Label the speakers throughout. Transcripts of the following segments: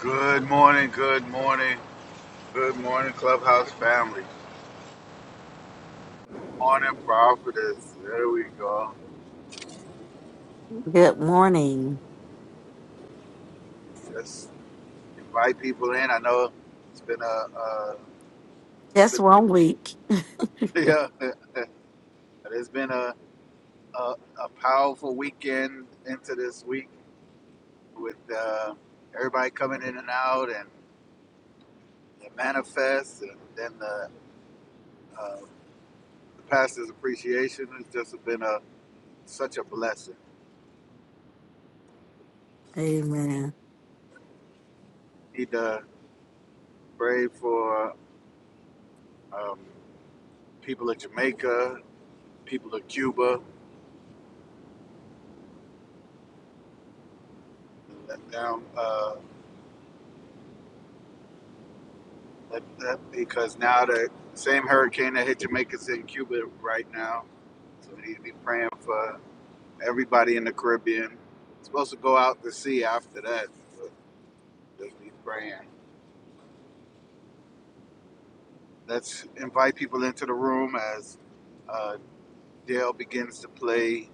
Speaker 1: Good morning, good morning, good morning, Clubhouse family. Good Morning, Providence. There we go.
Speaker 2: Good morning.
Speaker 1: Just invite people in. I know it's been a, a it's
Speaker 2: That's
Speaker 1: been,
Speaker 2: one week.
Speaker 1: yeah, it's been a, a, a powerful weekend into this week with uh, everybody coming in and out and the manifest and then the, uh, the pastor's appreciation. It's just been a such a blessing.
Speaker 2: Amen.
Speaker 1: Need to pray for. Um, people of Jamaica, people of Cuba, let them, uh, let that, because now the same hurricane that hit Jamaica's in Cuba right now. So we need to be praying for everybody in the Caribbean. It's supposed to go out to sea after that, but just be praying. Let's invite people into the room as uh, Dale begins to play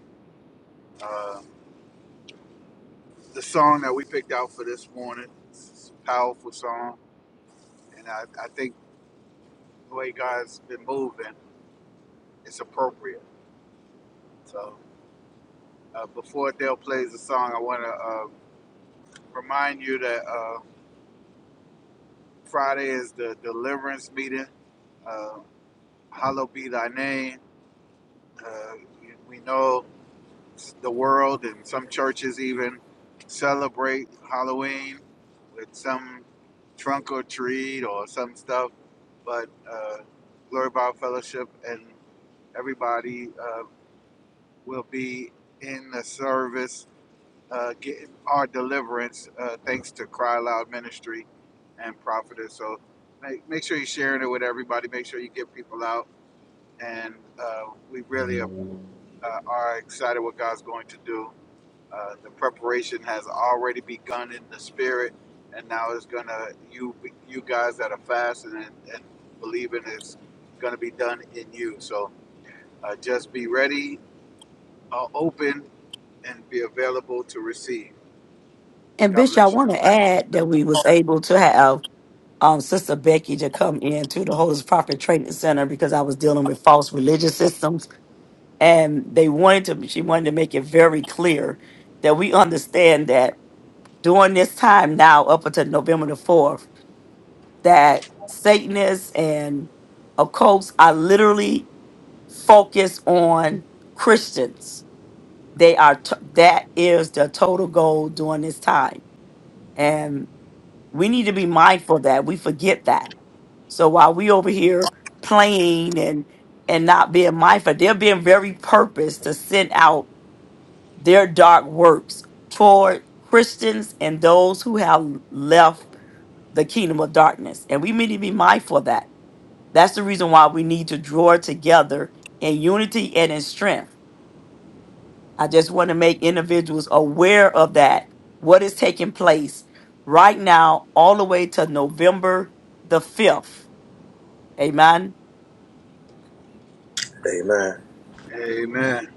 Speaker 1: uh, the song that we picked out for this morning. It's a powerful song, and I, I think the way God's been moving. it's appropriate. So uh, before Dale plays the song, I want to uh, remind you that uh, Friday is the deliverance meeting. Uh, Hallowed be thy name. Uh, we know the world and some churches even celebrate Halloween with some trunk or treat or some stuff. But uh, Glory Bible Fellowship and everybody uh, will be in the service uh, get our deliverance uh, thanks to Cry Loud Ministry and Prophetess. So make, make sure you're sharing it with everybody. Make sure you get people out. And uh, we really are, uh, are excited what God's going to do. Uh, the preparation has already begun in the spirit, and now it's gonna you you guys that are fasting and, and believing is gonna be done in you. So uh, just be ready, uh, open, and be available to receive.
Speaker 2: And
Speaker 1: God
Speaker 2: Bishop, I
Speaker 1: bless you.
Speaker 2: want to add that we was able to have um, Sister Becky to come in to the Holy Prophet Training Center because I was dealing with false religious systems, and they wanted to. She wanted to make it very clear that we understand that during this time now, up until November the fourth, that Satanists and occults are literally focused on Christians they are t- that is the total goal during this time and we need to be mindful of that we forget that so while we over here playing and and not being mindful they're being very purpose to send out their dark works toward christians and those who have left the kingdom of darkness and we need to be mindful of that that's the reason why we need to draw together in unity and in strength I just want to make individuals aware of that, what is taking place right now, all the way to November the 5th. Amen.
Speaker 3: Amen.
Speaker 1: Amen.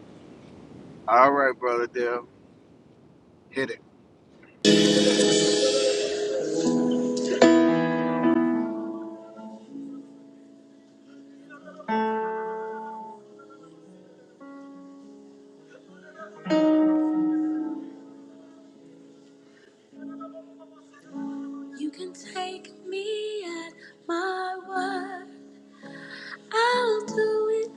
Speaker 1: All right, brother Dale, hit it.
Speaker 3: You can take me at my word. I'll do it.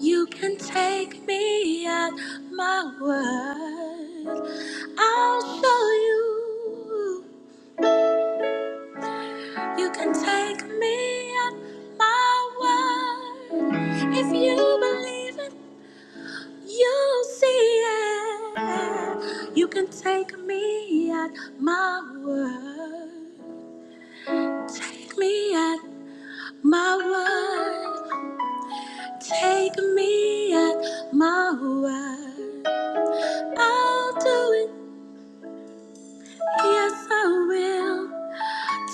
Speaker 3: You can take me at my word. I'll show you. You can take me at my word. If you believe it, you'll see it. You can take me at my word. Take me at my word. Take me at my word. I'll do it. Yes, I will.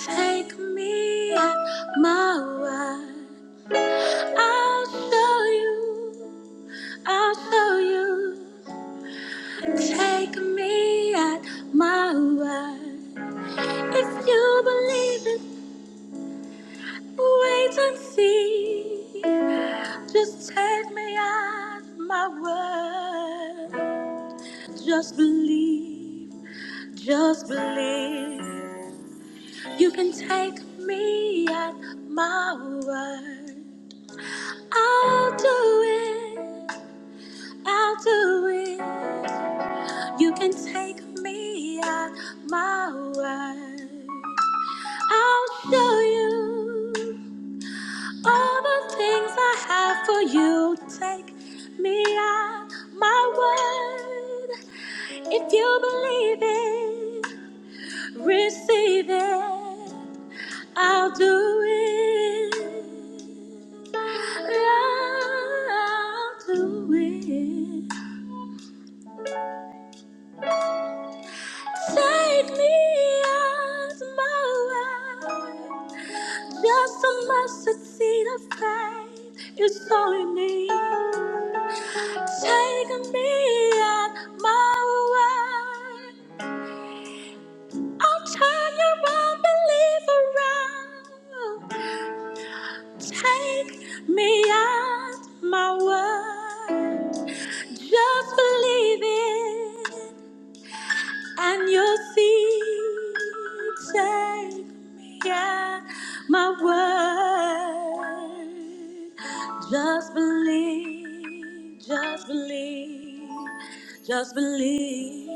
Speaker 3: Take me at my word. I'll show you. I'll show you. Take me at my word. If you believe it, wait and see. Just take me at my word. Just believe, just believe. You can take me at my word. I'll do it, I'll do it. You can take me at my word. I'll show you all the things I have for you. Take me at my word. If you believe it, Receive it. I'll do it. I'll do it. Take me as my wife. Just a mustard seed of faith you all you need. Take me at my word. I'll turn your unbelief around. Take me at my word. Just believe it and you'll see. Take me at my word. Just believe, just believe, just believe.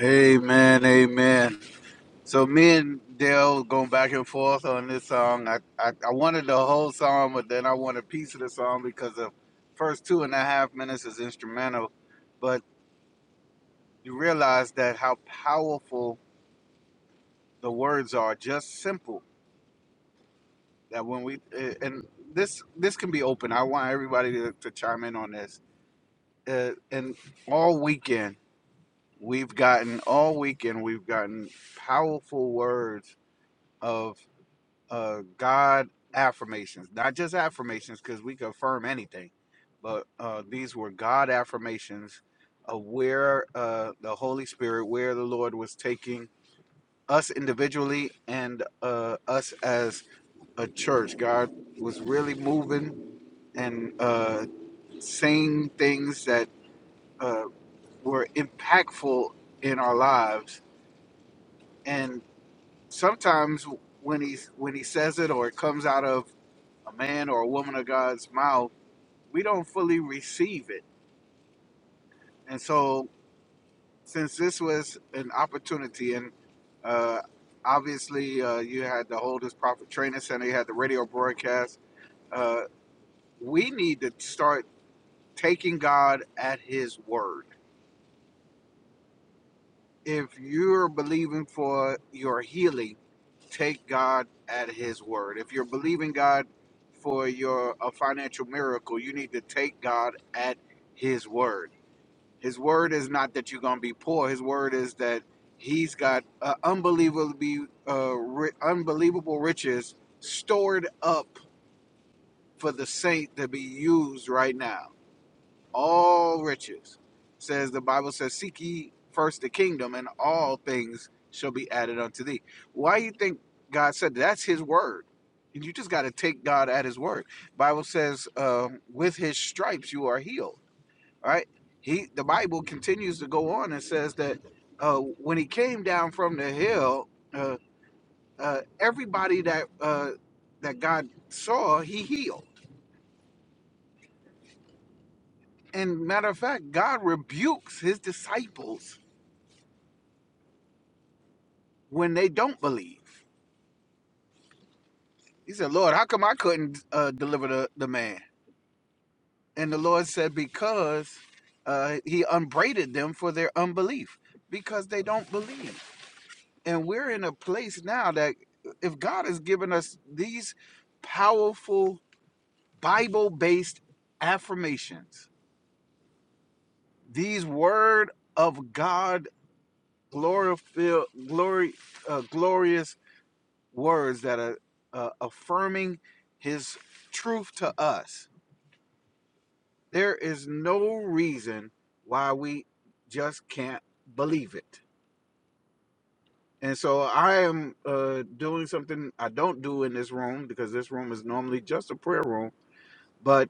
Speaker 1: Amen. Amen. So me and Dale going back and forth on this song. I, I I wanted the whole song, but then I wanted a piece of the song because the first two and a half minutes is instrumental. But you realize that how powerful the words are, just simple. That when we eh, and this this can be open. I want everybody to, to chime in on this. Uh, and all weekend. We've gotten all weekend, we've gotten powerful words of uh, God affirmations, not just affirmations because we confirm anything, but uh, these were God affirmations of where uh, the Holy Spirit, where the Lord was taking us individually and uh, us as a church. God was really moving and uh, saying things that uh, were impactful in our lives and. sometimes when he when he says it or it comes out of a man or a woman of God's mouth, we don't fully receive it. And so, since this was an opportunity, and uh, obviously uh, you had the Holders Prophet Training Center, you had the radio broadcast, uh, we need to start taking God at His word if you're believing for your healing, take God at His word. If you're believing God for your a financial miracle, you need to take God at His word. His word is not that you're going to be poor. His word is that He's got uh, unbelievably uh, ri- unbelievable riches stored up for the saint to be used right now all riches. Says the Bible says, Seek ye first the kingdom, and all things shall be added unto thee. Why you think God said that? that's his word? And you just gotta take God at his word. Bible says, um, with his stripes you are healed. All right. He the Bible continues to go on and says that uh, when he came down from the hill, uh, uh, everybody that uh, that God saw, he healed. And matter of fact, God rebukes his disciples when they don't believe. He said, Lord, how come I couldn't uh, deliver the, the man? And the Lord said, because uh, he unbraided them for their unbelief, because they don't believe. And we're in a place now that if God has given us these powerful Bible based affirmations, these word of God glory, glory, uh, glorious words that are uh, affirming his truth to us There is no reason why we just can't believe it. And so I am uh, doing something I don't do in this room because this room is normally just a prayer room. But,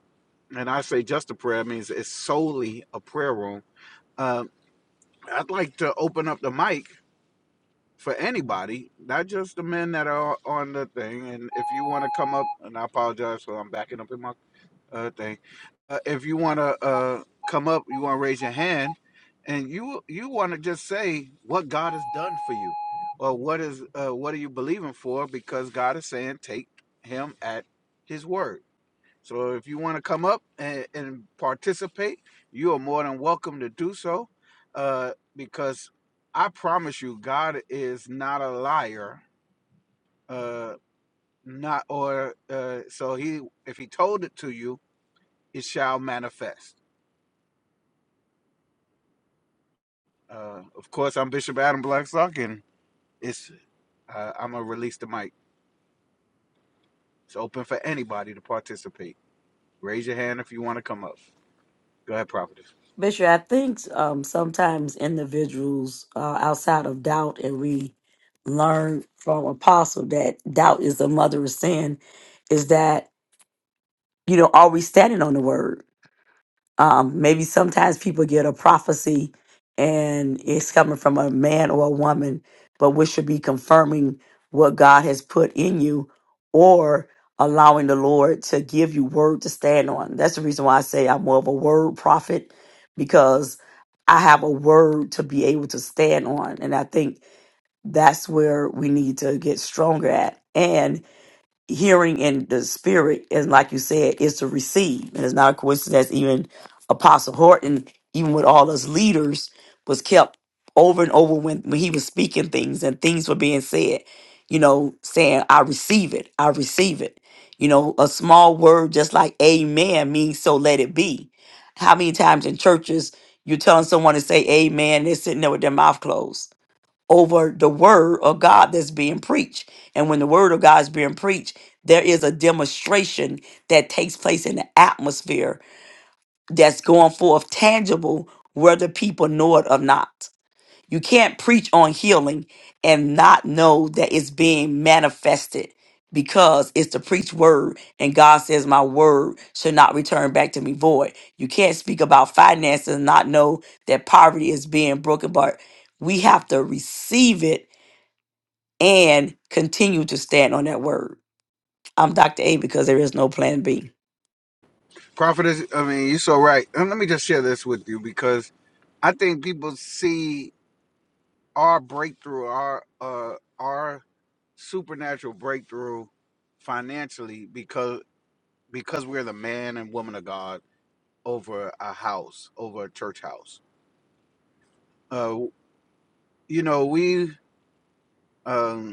Speaker 1: and I say just a prayer, it means it's solely a prayer room. Uh, I'd like to open up the mic for anybody, not just the men that are on the thing. And if you want to come up, and I apologize for I'm backing up in my uh, thing. Uh, if you want to uh, come up, you want to raise your hand, and you you want to just say what God has done for you, or what is uh, what are you believing for? Because God is saying take Him at His word. So if you want to come up and, and participate, you are more than welcome to do so, uh, because I promise you, God is not a liar. Uh, not or uh, so he if he told it to you, it shall manifest. Uh, of course, I'm Bishop Adam Blackstock, and it's uh, I'm gonna release the mic. It's open for anybody to participate. Raise your hand if you want to come up. Go ahead, prophetess.
Speaker 2: Bishop, I think um, sometimes individuals uh, outside of doubt, and we learn from Apostle that doubt is the mother of sin, is that you know, are we standing on the word? Um, maybe sometimes people get a prophecy and it's coming from a man or a woman, but we should be confirming what God has put in you or allowing the Lord to give you word to stand on. That's the reason why I say I'm more of a word prophet because I have a word to be able to stand on. And I think that's where we need to get stronger at. And hearing in the spirit, and like you said, is to receive. And it's not a coincidence. Even Apostle Horton, even with all us leaders, was kept over and over when, when he was speaking things and things were being said, you know, saying, I receive it, I receive it. You know, a small word just like amen means so let it be. How many times in churches you're telling someone to say amen and they're sitting there with their mouth closed? over the word of God that's being preached. And when the word of God is being preached, there is a demonstration that takes place in the atmosphere that's going forth tangible, whether people know it or not. You can't preach on healing and not know that it's being manifested because it's the preached word and God says my word should not return back to me void. You can't speak about finances and not know that poverty is being broken, but we have to receive it and continue to stand on that word. I'm Dr. A because there is no plan B.
Speaker 1: Prophetess, I mean, you're so right. And let me just share this with you because I think people see our breakthrough, our uh, our supernatural breakthrough financially because because we're the man and woman of God over a house, over a church house. Uh, you know, we. um,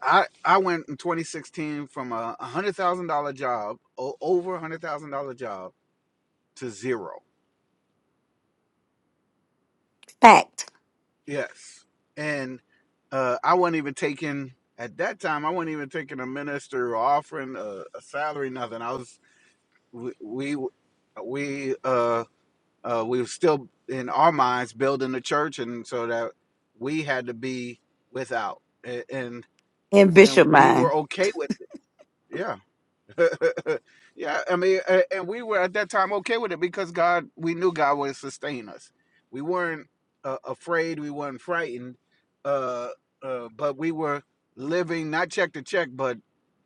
Speaker 1: I I went in 2016 from a hundred thousand dollar job, o- over a hundred thousand dollar job, to zero.
Speaker 2: Fact
Speaker 1: Yes, and uh, I wasn't even taking at that time. I wasn't even taking a minister or offering a, a salary, nothing. I was we we we uh, uh, we were still in our minds building the church, and so that we had to be without, A- and
Speaker 2: in
Speaker 1: and
Speaker 2: Bishop
Speaker 1: we
Speaker 2: mind.
Speaker 1: were okay with it. Yeah. yeah, I mean, a- and we were at that time okay with it because God, we knew God would sustain us. We weren't uh, afraid, we weren't frightened, uh, uh, but we were living not check to check, but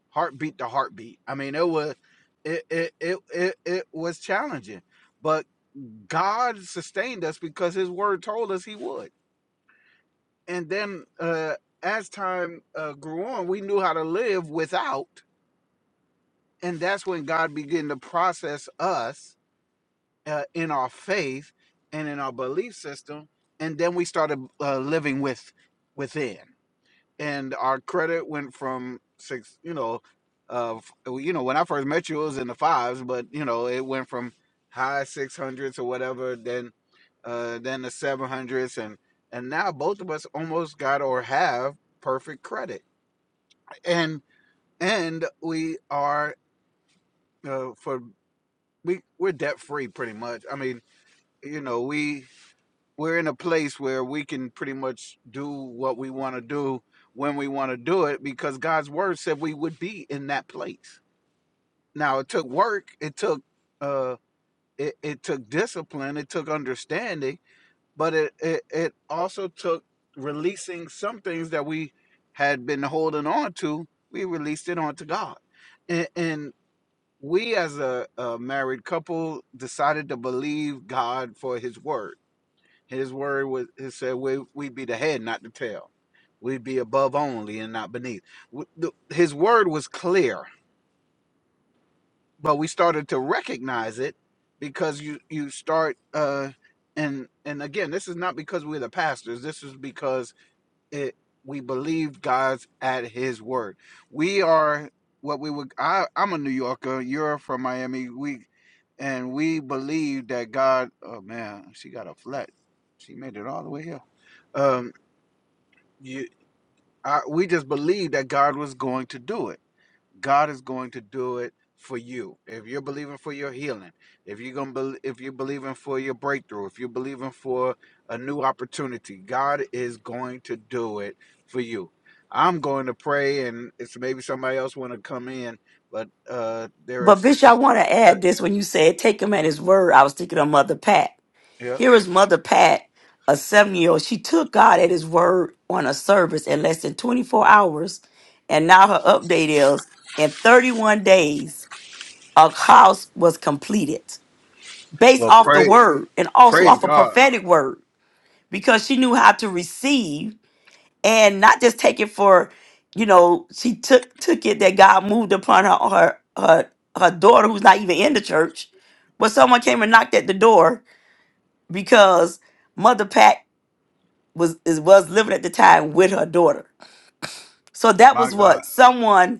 Speaker 1: heartbeat to heartbeat. I mean, it was it it it it, it was challenging, but God sustained us because His Word told us He would. And then uh, as time uh, grew on, we knew how to live without and that's when God began to process us uh, in our faith and in our belief system, and then we started uh, living with within, and our credit went from six, you know, uh, f- well, you know, when I first met you, it was in the fives, but you know, it went from high six hundreds or whatever, then uh, then the seven hundreds, and and now both of us almost got or have perfect credit, and and we are. Uh, for we we're debt free pretty much. I mean, you know, we we're in a place where we can pretty much do what we want to do when we want to do it because God's word said we would be in that place. Now it took work, it took uh it, it took discipline, it took understanding, but it, it it also took releasing some things that we had been holding on to. We released it onto God. And, and we as a, a married couple decided to believe God for his word. His word was he said we we'd be the head, not the tail. We'd be above only and not beneath. W- the- His word was clear, but we started to recognize it because you you start uh and and again, this is not because we're the pastors. This is because it we believe God's at his word. We are what we would I, I'm a New Yorker, you're from Miami. We and we believe that God. Oh man, she got a flat. She made it all the way here. Um, you, I, we just believe that God was going to do it. God is going to do it for you. If you're believing for your healing, if you're gonna, be, if you're believing for your breakthrough, if you're believing for a new opportunity, God is going to do it for you. I'm going to pray, and it's maybe somebody else want to come in, but uh, there
Speaker 2: But
Speaker 1: is,
Speaker 2: Bishop, I want to
Speaker 1: yeah,
Speaker 2: add this when you said take him at his word. I was thinking of Mother Pat.
Speaker 1: yeah.
Speaker 2: Here is Mother Pat, a seven year old. She took God at his word on a service in less than 24 hours. And now her update is in 31 days, a house was completed based
Speaker 1: well,
Speaker 2: off the
Speaker 1: pray,
Speaker 2: word and also
Speaker 1: praise
Speaker 2: off a
Speaker 1: God.
Speaker 2: prophetic word. because she knew how to receive and not just take it for you know she took took it that god moved upon her her her, her daughter who's not even in the church but someone came and knocked at the door because mother pat was is, was living at the time with her daughter so that
Speaker 1: My
Speaker 2: was
Speaker 1: God,
Speaker 2: what someone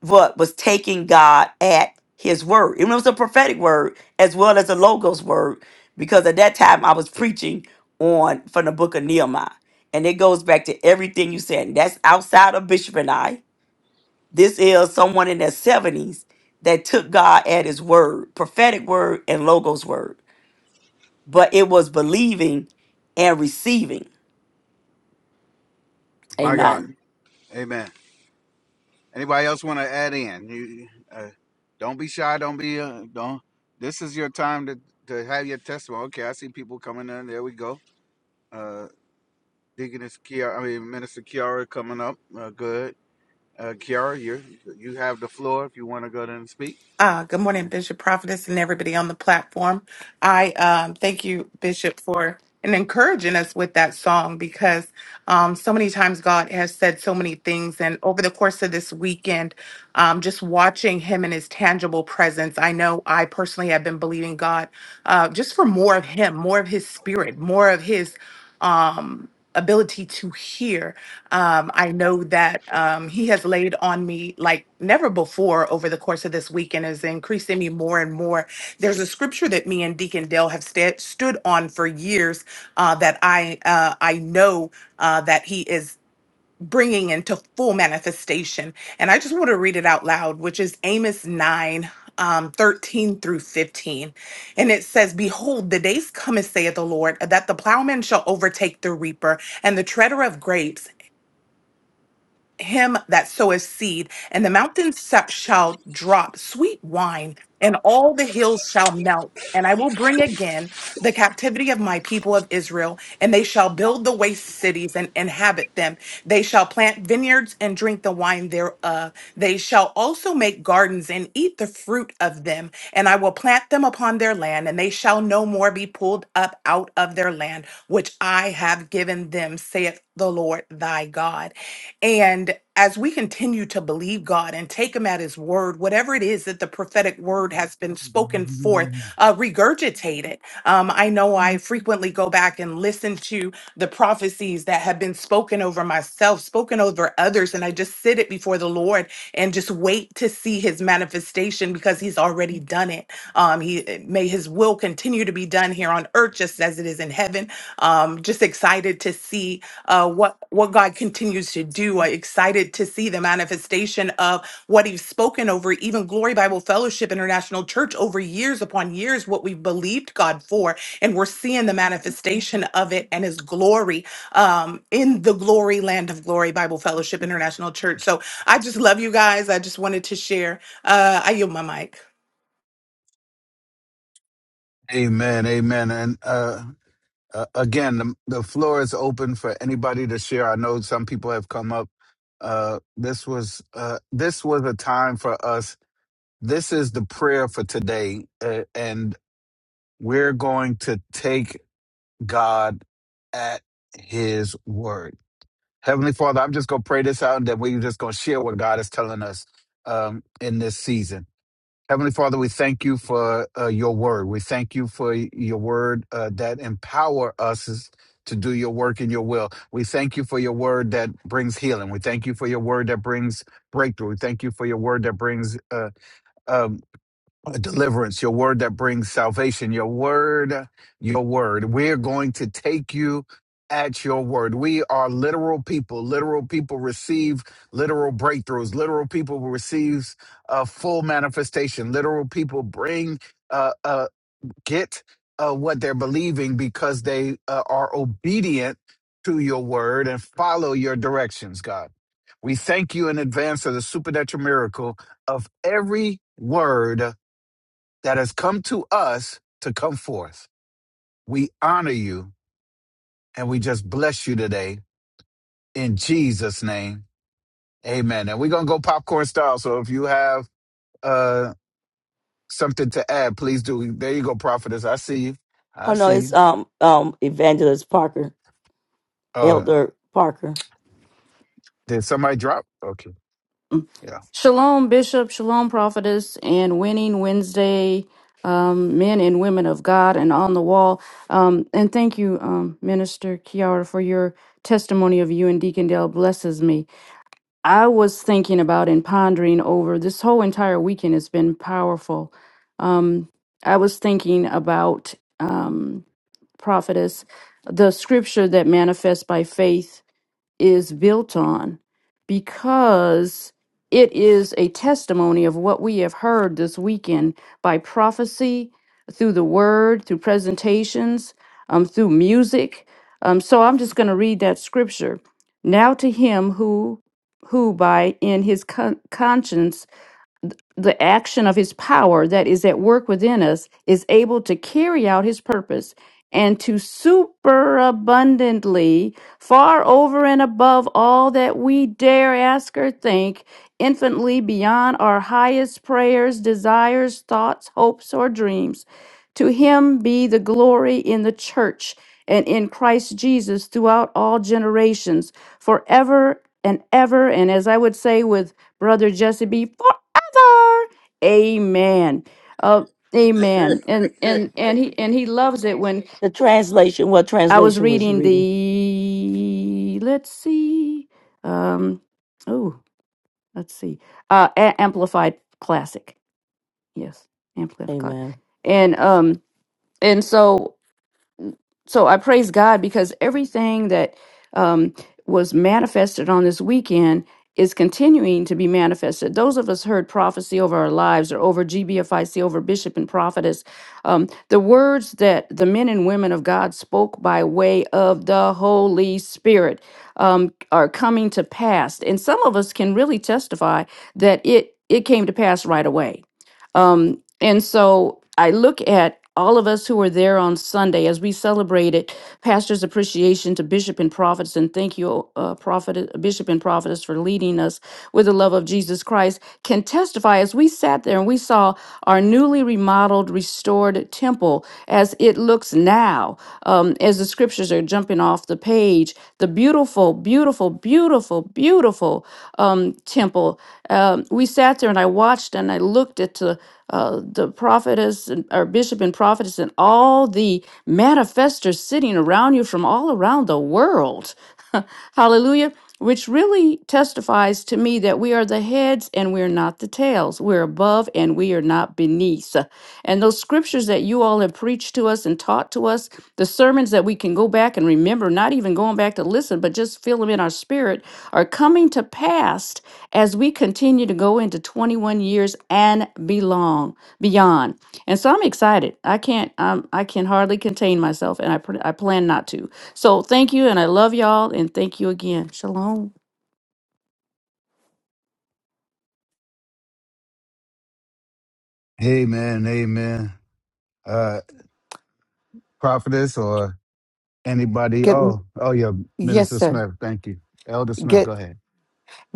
Speaker 2: what was taking God at his word. And it was a prophetic word as well as a logos word, because at that time I was preaching on from the book of Nehemiah. And it goes back to everything you said. And that's outside of Bishop and I. This is someone in their 70s that took God at his word, prophetic word and logos word. But it was believing and receiving.
Speaker 1: my God,
Speaker 2: Amen.
Speaker 1: Amen. Anybody else want to add in? You uh, don't be shy. Don't be uh, don't. This is your time to to have your testimony. Okay, I see people coming in. There we go. Uh, Deaconess Kiara, I mean Minister Kiara coming up. Uh, good, uh, Kiara, you you have the floor if you want to go there and speak.
Speaker 4: Uh, good morning, Bishop Prophetess, and everybody on the platform. I um, thank you, Bishop, for and encouraging us with that song because um, so many times God has said so many things. And over the course of this weekend, um, just watching Him in His tangible presence, I know I personally have been believing God uh, just for more of Him, more of His Spirit, more of His um, ability to hear. Um, I know that um, he has laid on me like never before over the course of this week and is increasing me more and more. There's a scripture that me and Deacon Dale have sta- stood on for years uh, that I uh, I know uh, that he is bringing into full manifestation. And I just want to read it out loud, which is Amos 9. Um, 13 through 15. And it says, Behold, the days cometh, saith the Lord, that the plowman shall overtake the reaper, and the treader of grapes, him that soweth seed, and the mountain sep- shall drop sweet wine, and all the hills shall melt. And I will bring again the captivity of my people of Israel, and they shall build the waste cities and inhabit them. They shall plant vineyards and drink the wine thereof. They shall also make gardens and eat the fruit of them, and I will plant them upon their land, and they shall no more be pulled up out of their land, which I have given them, saith the Lord thy God. And as we continue to believe God and take Him at His word, whatever it is that the prophetic word has been spoken forth, uh, regurgitate it. Um, I know I frequently go back and listen to the prophecies that have been spoken over myself, spoken over others, and I just sit it before the Lord the Lord and just wait to see his manifestation because he's already done it. Um, he may his will continue to be done here on earth just as it is in heaven. Um, just excited to see uh, what what God continues to do. i excited to see the manifestation of what He's spoken over, even Glory Bible Fellowship International Church over years upon years, what we've believed God for, and we're seeing the manifestation of it and His glory um, in the glory land of Glory Bible Fellowship International Church. So I just love you guys. I just wanted to share. Uh, I yield my mic.
Speaker 1: Amen, amen. And uh, uh, again, the, the floor is open for anybody to share. I know some people have come up. Uh, this was uh, this was a time for us This is the prayer for today, uh, and we're going to take God at His word. Heavenly Father, I'm just going to pray this out, and then we're just going to share what God is telling us um, in this season. Heavenly Father, we thank you for uh, your word. We thank you for your word uh, that empower us is- to do your work in your will. We thank you for your word that brings healing. We thank you for your word that brings breakthrough. We thank you for your word that brings uh, um, deliverance, your word that brings salvation, your word, your word. We're going to take you at your word. We are literal people. Literal people receive literal breakthroughs. Literal people receive a full manifestation. Literal people bring, uh, uh, get uh, what they're believing because they uh, are obedient to your word and follow your directions, God. We thank you in advance of the supernatural miracle of every word that has come to us to come forth. We honor you and we just bless you today in Jesus' name. Amen. And we're going to go popcorn style. So if you have uh, something to add, please do. There you go, prophetess. I see you. I
Speaker 2: Oh no,
Speaker 1: see
Speaker 2: it's
Speaker 1: you.
Speaker 2: um um Evangelist Parker,
Speaker 1: Uh,
Speaker 2: Elder Parker.
Speaker 1: did somebody drop? Okay. Yeah.
Speaker 5: Shalom, Bishop. Shalom, Prophetess, and Winning Wednesday, um, men and women of God, and on the wall. Um, and thank you, um, Minister Kiara, for your testimony of you and Deacon Dale blesses me. I was thinking about and pondering over this whole entire weekend has been powerful. Um, I was thinking about um, Prophetess, the scripture that manifests by faith is built on because it is a testimony of what we have heard this weekend by prophecy, through the word, through presentations, um, through music. Um, so I'm just going to read that scripture. Now to him who, who by in his con- conscience the action of his power that is at work within us is able to carry out his purpose and to superabundantly, far over and above all that we dare ask or think, infinitely beyond our highest prayers, desires, thoughts, hopes, or dreams. To him be the glory in the church and in Christ Jesus throughout all generations, forever and ever. And as I would say with Brother Jesse B., Amen. Uh, amen. And and and he and he loves it when
Speaker 2: The translation, what
Speaker 5: I was
Speaker 2: translation was you
Speaker 5: reading
Speaker 2: reading?
Speaker 5: the let's see. Um oh, let's see. Uh A- amplified classic. Yes, amplified. classic
Speaker 2: Amen.
Speaker 5: And um and so so I praise God because everything that um, was manifested on this weekend is continuing to be manifested. Those of us heard prophecy over our lives or over GBFIC, over bishop and prophetess, um, the words that the men and women of God spoke by way of the Holy Spirit um, are coming to pass. And some of us can really testify that it, it came to pass right away Um, and so I look at all of us who were there on Sunday as we celebrated Pastor's Appreciation to Bishop and Prophets, and thank you, uh, Prophet, Bishop and Prophetess, for leading us with the love of Jesus Christ can testify as we sat there and we saw our newly remodeled, restored temple as it looks now, um, as the scriptures are jumping off the page, the beautiful, beautiful, beautiful, beautiful um, temple. Um, we sat there and I watched and I looked at the uh, the prophetess and our bishop and prophetess and all the manifestors sitting around you from all around the world. Hallelujah which really testifies to me that we are the heads and we're not the tails. We're above and we are not beneath. And those scriptures that you all have preached to us and taught to us, the sermons that we can go back and remember, not even going back to listen, but just feel them in our spirit, are coming to pass as we continue to go into 21 years and belong beyond. And so I'm excited. I can't. Um, I can hardly contain myself, and I pr- I plan not to. So thank you, and I love y'all, and thank you again. Shalom.
Speaker 1: Amen. Amen. Uh, prophetess or anybody?
Speaker 6: Good. m-
Speaker 1: Oh, oh, yeah.
Speaker 6: Yes,
Speaker 1: Minister
Speaker 6: sir.
Speaker 1: Smith. Thank you. Elder Smith,
Speaker 6: Good.
Speaker 1: go ahead.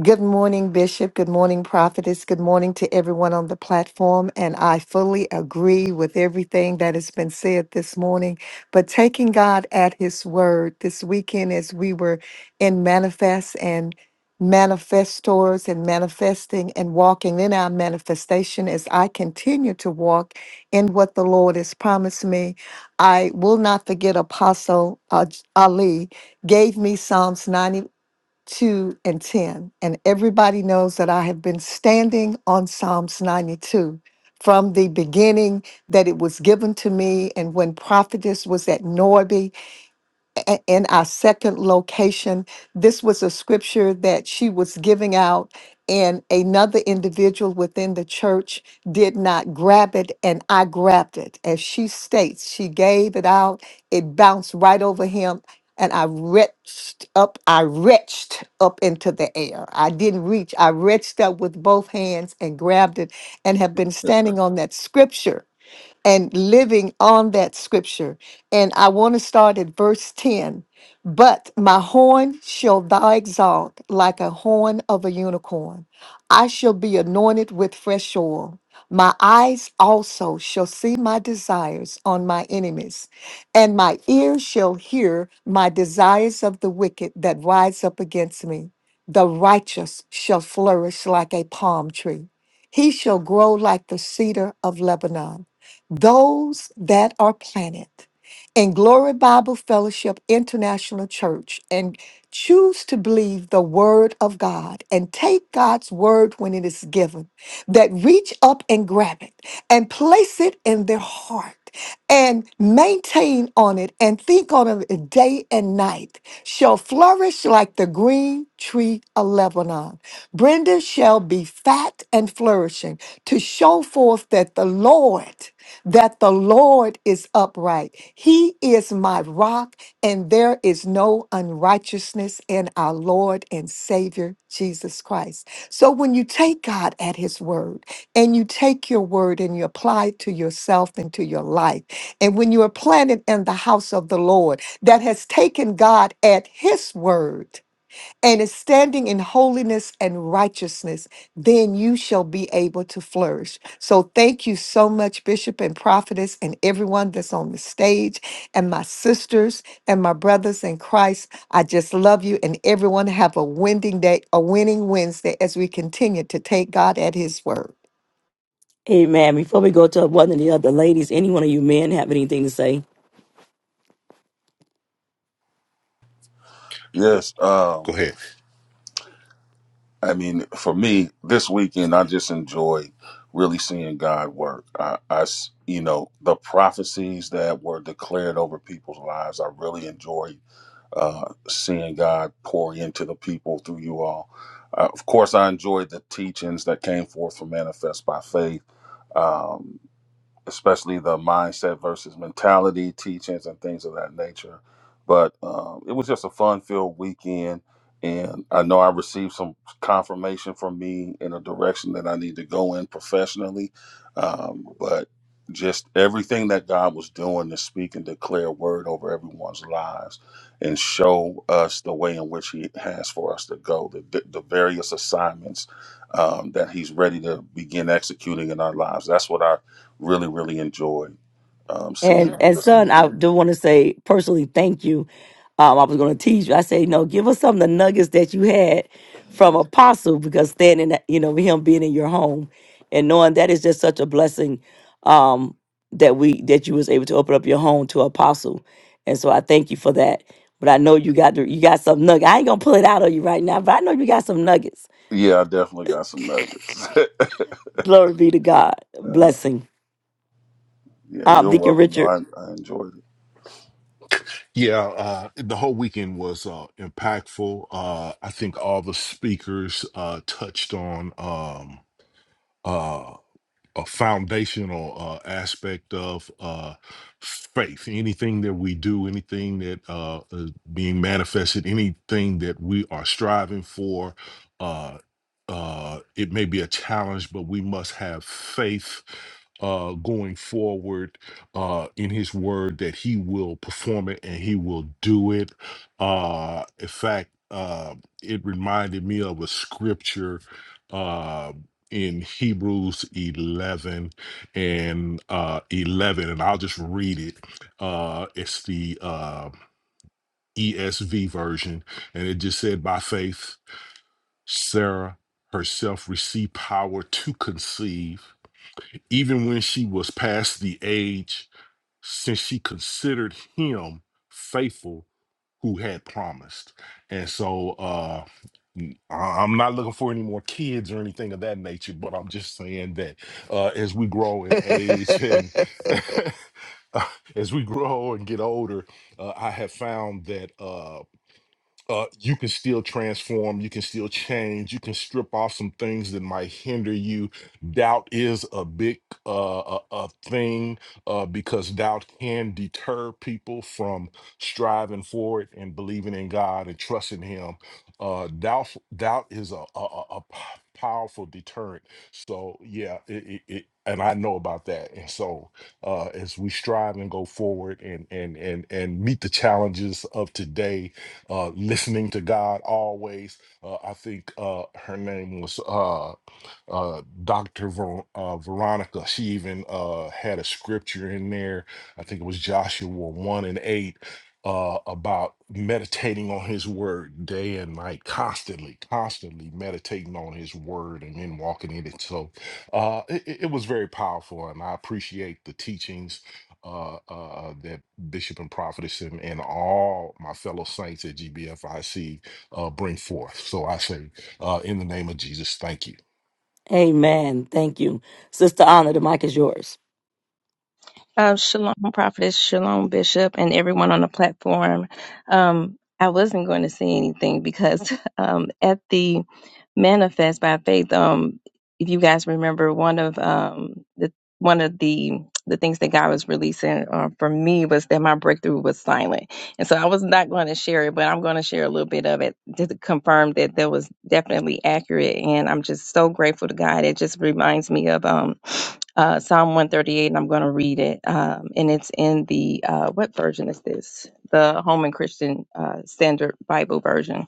Speaker 6: Good morning, Bishop. Good morning, Prophetess. Good morning to everyone on the platform. And I fully agree with everything that has been said this morning. But taking God at His word this weekend, as we were in manifest and manifestors and manifesting and walking in our manifestation, as I continue to walk in what the Lord has promised me, I will not forget Apostle uh, Ali gave me Psalms 91. 2 and 10. And everybody knows that I have been standing on Psalms 92 from the beginning that it was given to me. And when prophetess was at Norby a- in our second location. This was a scripture that she was giving out, and another individual within the church did not grab it, and I grabbed it. As she states, she gave it out, it bounced right over him. And I reached up, I reached up into the air. I didn't reach, I reached up with both hands and grabbed it and have been standing on that scripture and living on that scripture. And I want to start at verse 10. But my horn shall thou exalt like a horn of a unicorn. I shall be anointed with fresh oil. My eyes also shall see my desires on my enemies, and my ears shall hear my desires of the wicked that rise up against me. The righteous shall flourish like a palm tree. He shall grow like the cedar of Lebanon those that are planted in Glory Bible Fellowship International Church and choose to believe the Word of God and take God's Word when it is given, that reach up and grab it and place it in their heart and maintain on it and think on it day and night, shall flourish like the green tree of Lebanon. Brenda shall be fat and flourishing to show forth that the Lord that the Lord is upright. He is my rock, and there is no unrighteousness in our Lord and Savior Jesus Christ. So when you take God at His word and you take your word and you apply it to yourself and to your life, and when you are planted in the house of the Lord that has taken God at His word, and is standing in holiness and righteousness, then you shall be able to flourish. So thank you so much, Bishop and Prophetess, and everyone that's on the stage, and my sisters and my brothers in Christ. I just love you, and everyone have a winning day, a winning Wednesday as we continue to take God at His word.
Speaker 2: Amen. Before we go to one of the other ladies, any one of you men have anything to say?
Speaker 7: Yes.
Speaker 8: Go
Speaker 7: Um,
Speaker 8: ahead.
Speaker 7: I mean, for me, this weekend, I just enjoyed really seeing God work. I, I s- you know, the prophecies that were declared over people's lives, I really enjoyed uh, seeing God pour into the people through you all. Uh, of course, I enjoyed the teachings that came forth from Manifest by Faith. Um, especially the mindset versus mentality teachings and things of that nature. But um, it was just a fun filled weekend. And I know I received some confirmation from me in a direction that I need to go in professionally. Um, but just everything that God was doing to speak and declare word over everyone's lives and show us the way in which He has for us to go, the, the various assignments um, that He's ready to begin executing in our lives. That's what I Really, really enjoyed um, seeing
Speaker 2: And
Speaker 7: her
Speaker 2: and
Speaker 7: this
Speaker 2: son, I
Speaker 7: weekend.
Speaker 2: do want to say personally, thank you. Um, I was going to tease you. I say, no, give us some of the nuggets that you had from Apostle because standing, you know, with him being in your home and knowing that is just such a blessing um, that we that you was able to open up your home to Apostle. And so I thank you for that. But I know you got the, you got some nugget. I ain't gonna pull it out of you right now, but I know you got some nuggets.
Speaker 7: Yeah, I definitely got some nuggets.
Speaker 2: Glory be to God.
Speaker 7: uh,
Speaker 2: Blessing.
Speaker 7: yeah,
Speaker 2: Um,
Speaker 7: you're
Speaker 2: Deacon
Speaker 7: welcome.
Speaker 2: Richard.
Speaker 7: I, I enjoyed it.
Speaker 8: Yeah, uh, the whole weekend was uh, impactful. Uh, I think all the speakers uh, touched on um, uh, a foundational uh, aspect of uh, faith. Anything that we do, anything that uh, is being manifested, anything that we are striving for, uh, uh, it may be a challenge, but we must have faith uh, going forward uh, in His Word that He will perform it and He will do it. Uh, in fact, uh, it reminded me of a scripture. uh, in Hebrews 11 and uh, 11, and I'll just read it. Uh, it's the uh, ESV version, and it just said, By faith, Sarah herself received power to conceive, even when she was past the age since she considered him faithful who had promised. And so uh n- I- I'm not looking for any more kids or anything of that nature, but I'm just saying that uh as we grow in age and as we grow and get older, uh, I have found that uh, uh, you can still transform, you can still change, you can strip off some things that might hinder you. Doubt is a big uh, a, a thing uh, because doubt can deter people from striving for it and believing in God and trusting Him. Uh, doubt doubt is a, a, a a p- powerful deterrent. So yeah, it, it, it, and I know about that. And so uh, as we strive and go forward and and and and meet the challenges of today uh, listening to God always. Uh, I think uh, her name was. uh, uh, Dr. Ver- uh, Veronica, she even uh, had a scripture in there. I think it was Joshua 1 and 8 uh, about meditating on his word day and night, constantly, constantly meditating on his word and then walking in it. So uh, it, it it was very powerful, and I appreciate the teachings uh, uh, that Bishop and Prophetess and, and all my fellow saints at GBFIC uh, bring forth. So I say, uh, in the name of Jesus, thank you.
Speaker 2: Amen. Thank you, Sister Honor. The mic is yours.
Speaker 9: Uh, shalom, prophetess, shalom, bishop, and everyone on the platform. Um, I wasn't going to say anything because um, at the manifest by faith. Um, if you guys remember, one of um the one of the the things that God was releasing uh, for me was that my breakthrough was silent, and so I was not going to share it, but I'm going to share a little bit of it just to confirm that that was definitely accurate. And I'm just so grateful to God. It just reminds me of um uh, Psalm 138, and I'm going to read it. Um, and it's in the uh, what version is this? The Holman Christian uh, Standard Bible version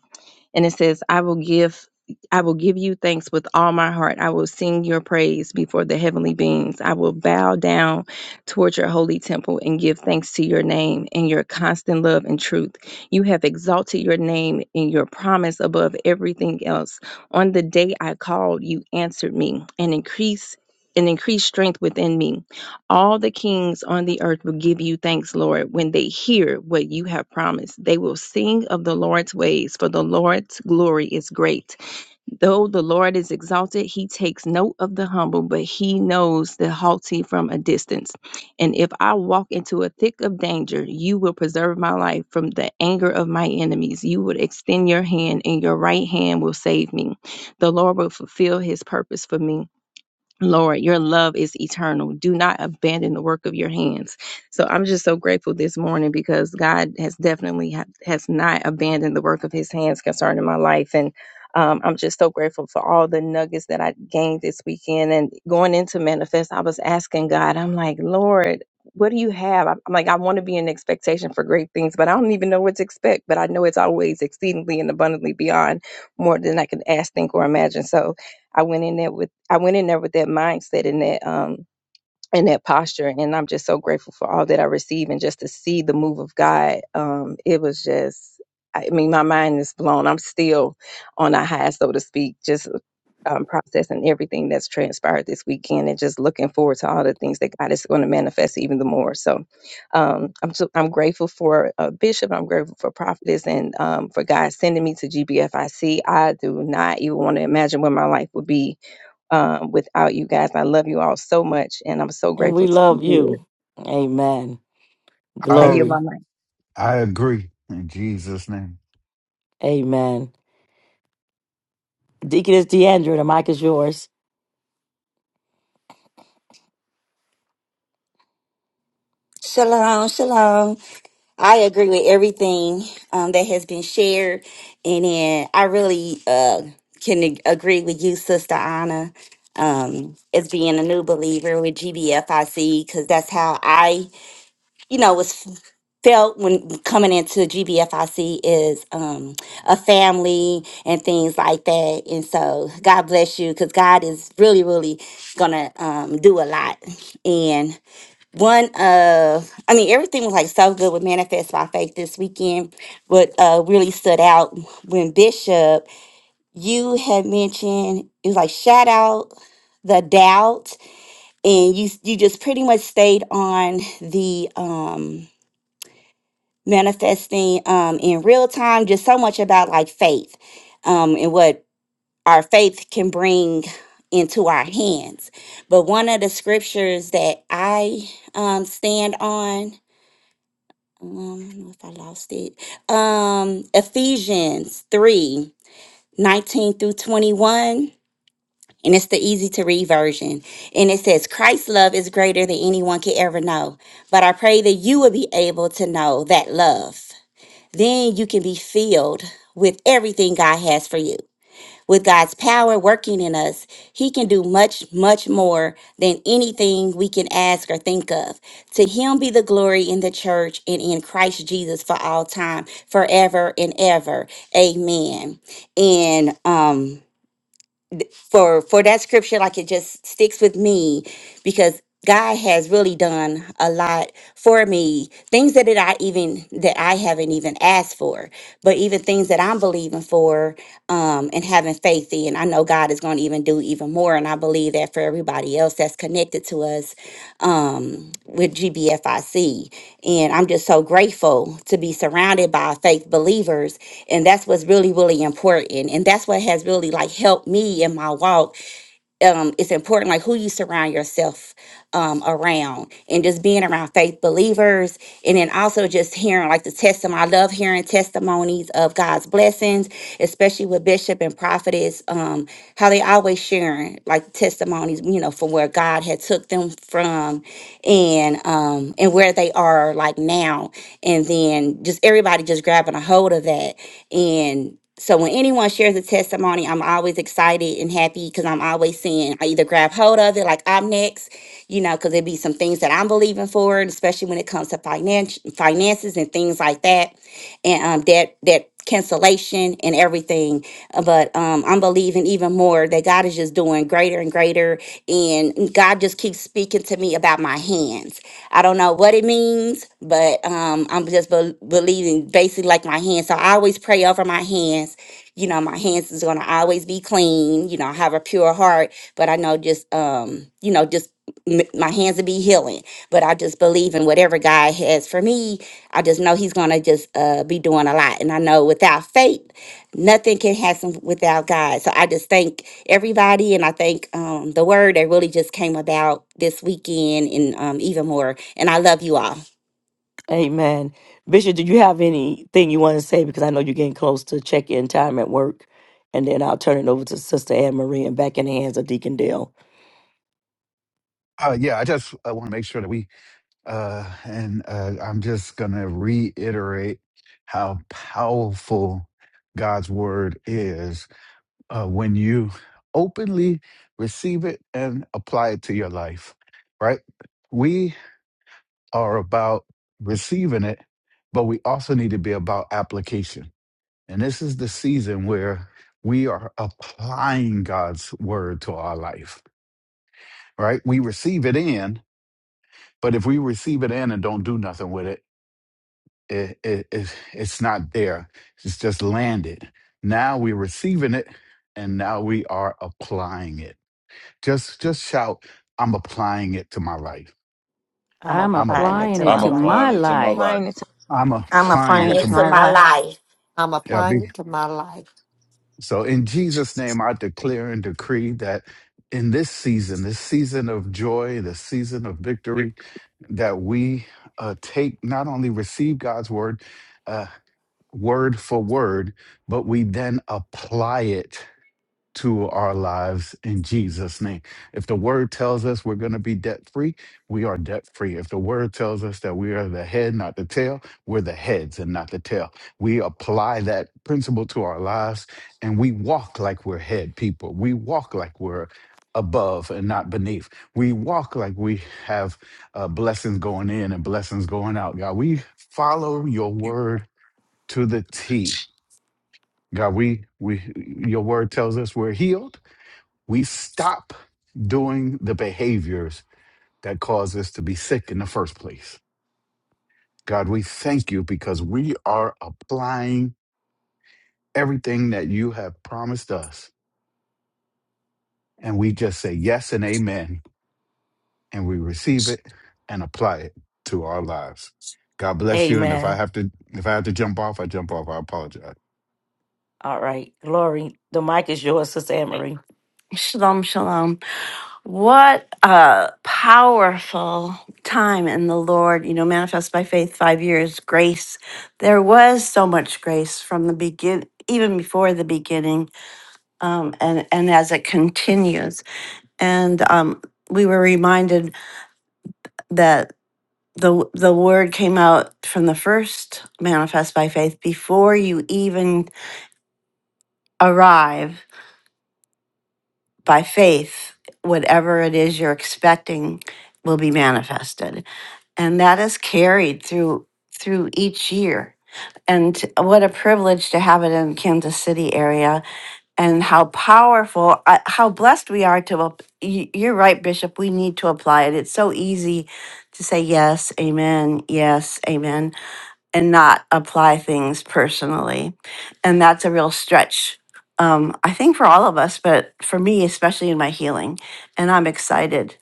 Speaker 9: and it says i will give i will give you thanks with all my heart i will sing your praise before the heavenly beings i will bow down toward your holy temple and give thanks to your name and your constant love and truth you have exalted your name and your promise above everything else on the day i called you answered me and increase and increased strength within me all the kings on the earth will give you thanks, Lord, when they hear what you have promised. They will sing of the Lord's ways, for the Lord's glory is great. Though the Lord is exalted, he takes note of the humble, but he knows the haughty from a distance. And if I walk into a thick of danger, you will preserve my life from the anger of my enemies. You will extend your hand, and your right hand will save me. The Lord will fulfill his purpose for me. Lord, your love is eternal. Do not abandon the work of your hands. So I'm just so grateful this morning because God has definitely ha- has not abandoned the work of His hands concerning my life, and um, I'm just so grateful for all the nuggets that I gained this weekend. And going into manifest, I was asking God, I'm like, Lord, what do you have? I'm I'm like, I want to be in expectation for great things, but I don't even know what to expect. But I know it's always exceedingly and abundantly beyond more than I can ask, think, or imagine. So I went in there with I went in there with that mindset and that um and that posture and I'm just so grateful for all that I receive and just to see the move of God. Um it was just I mean my mind is blown. I'm still on a high so to speak just um, processing everything that's transpired this weekend and just looking forward to all the things that God is going to manifest even the more. So um, I'm so, I'm grateful for uh, Bishop. I'm grateful for Prophetess and um, for God sending me to GBFIC. I C. I do not even want to imagine where my life would be um, without you guys. I love you all so much, and I'm so
Speaker 2: And we
Speaker 9: grateful to be
Speaker 2: love
Speaker 9: here.
Speaker 2: you. Amen.
Speaker 9: I
Speaker 1: I
Speaker 9: yield
Speaker 2: Glory.
Speaker 9: my mic.
Speaker 1: I agree in Jesus' name.
Speaker 2: Amen. Deaconess Deandra, the mic is yours.
Speaker 10: Shalom, shalom. I agree with everything um, that has been shared, and then I really uh, can ag- agree with you, Sister Anna, um, as being a new believer with GBFIC, because that's how I, you know, was felt when coming into GBFIC is um, a family and things like that. And so, God bless you, because God is really, really gonna um, do a lot, one of i mean everything was like so good with manifest by faith this weekend what uh really stood out when bishop you had mentioned it was like shout out the doubt and you you just pretty much stayed on the um manifesting um in real time just so much about like faith um and what our faith can bring into our hands but one of the scriptures that i um stand on Um, I don't know if I lost it. Um, Ephesians 3 19 through 21. And it's the easy to read version. And it says, Christ's love is greater than anyone can ever know. But I pray that you will be able to know that love. Then you can be filled with everything God has for you with God's power working in us, He can do much, much more than anything we can ask or think of. To Him be the glory in the church and in Christ Jesus for all time, forever and ever. Amen. And um, for for that scripture like it just sticks with me because God has really done a lot for me things that it, I even that I haven't even asked for but even things that I'm believing for um and having faith in I know God is going to even do even more and I believe that for everybody else that's connected to us um, with GBFIC. And I'm just so grateful to be surrounded by faith believers. And that's what's really, really important. And that's what has really like helped me in my walk um, it's important like who you surround yourself um, around and just being around faith believers and then also just hearing like the testimony i love hearing testimonies of god's blessings especially with bishop and prophetess um, how they always sharing like testimonies you know from where god had took them from and um, and where they are like now and then just everybody just grabbing a hold of that and. So when anyone shares a testimony, I'm always excited and happy because I'm always seeing I either grab hold of it, like I'm next, you know, because there'd be some things that I'm believing for, and especially when it comes to finance, finances and things like that, and um, debt, debt cancellation and everything. Uh, But um, I'm believing even more that God is just doing greater and greater, and God just keeps speaking to me about my hands. I don't know what it means, but um, I'm just bel believing basically like my hands. So I always pray over my hands. You know, my hands is going to always be clean. You know, I have a pure heart, but I know just, um, you know, just m- my hands will be healing. But I just believe in whatever God has for me. I just know He's going to just uh, be doing a lot. And I know without faith, nothing can happen without God. So I just thank everybody. And I think um, the word that really just came about this weekend and um, even more. And I love you all.
Speaker 2: Amen. Bishop, do you have anything you want to say? Because I know you're getting close to check in time at work. And then I'll turn it over to Sister Anne Marie and back in the hands of Deacon Dale.
Speaker 1: Uh, yeah, I just I want to make sure that we, uh, and uh, I'm just going to reiterate how powerful God's word is uh, when you openly receive it and apply it to your life, right? We are about receiving it, but we also need to be about application. And this is the season where we are applying God's word to our life, right? We receive it in, But if we receive it in and don't do nothing with it, it, it, it it's not there. It's just landed. Now we're receiving it, and now we are applying it. Just just shout, "I'm applying it to my life.
Speaker 2: I'm
Speaker 5: I'm
Speaker 1: I'm a
Speaker 2: applying it
Speaker 5: applying
Speaker 2: to
Speaker 5: it
Speaker 2: my
Speaker 7: I'm
Speaker 5: to
Speaker 2: life.
Speaker 5: my
Speaker 7: applying it to my
Speaker 5: life.
Speaker 9: Applying it
Speaker 7: life.
Speaker 9: to.
Speaker 1: I'm
Speaker 11: I'm
Speaker 1: applying
Speaker 11: applying
Speaker 10: Come
Speaker 1: it
Speaker 11: it
Speaker 1: to
Speaker 11: to
Speaker 1: my."
Speaker 10: Into
Speaker 11: my
Speaker 10: my
Speaker 11: life.
Speaker 10: life.
Speaker 6: I'm
Speaker 1: Yeah,
Speaker 6: applying
Speaker 1: be-
Speaker 6: it to my life.
Speaker 1: so in Jesus' name, I declare and decree that in this season, this season of joy, the season of victory, that we uh, take not only receive God's word. uh, word for word, but we then apply it to our lives in Jesus' name. If the word tells us we're going to be debt free, we are debt free. If the word tells us that we are the head, not the tail, we're the heads and not the tail. We apply that principle to our lives and we walk like we're head people. We walk like we're above and not beneath. We walk like we have uh, blessings going in and blessings going out. God, we follow your word to the T. God, we we your word tells us we're healed. We stop doing the behaviors that cause us to be sick in the first place. God, we thank you because we are applying everything that you have promised us. And we just say yes and amen. And we receive it and apply it to our lives. God bless you. And if I
Speaker 2: Amen.
Speaker 1: have to if I have to jump off, I jump off. I apologize.
Speaker 2: All right. Glory. The mic is yours, Sister Anne Marie.
Speaker 11: Shalom, shalom. What a powerful time in the Lord, you know, manifest by faith, five years, grace. There was so much grace from the begin, even before the beginning, um, and, and as it continues. And um, we were reminded that the, the word came out from the first manifest by faith before you even arrive by faith, whatever it is you're expecting will be manifested. And that is carried through through each year. And what a privilege to have it in Kansas City area and how powerful uh, how blessed we are to ap- y- you're right bishop we need to apply it. It's so easy to say yes, amen, yes, amen and not apply things personally. And that's a real stretch, um, I think, for all of us, but for me, especially in my healing. And I'm excited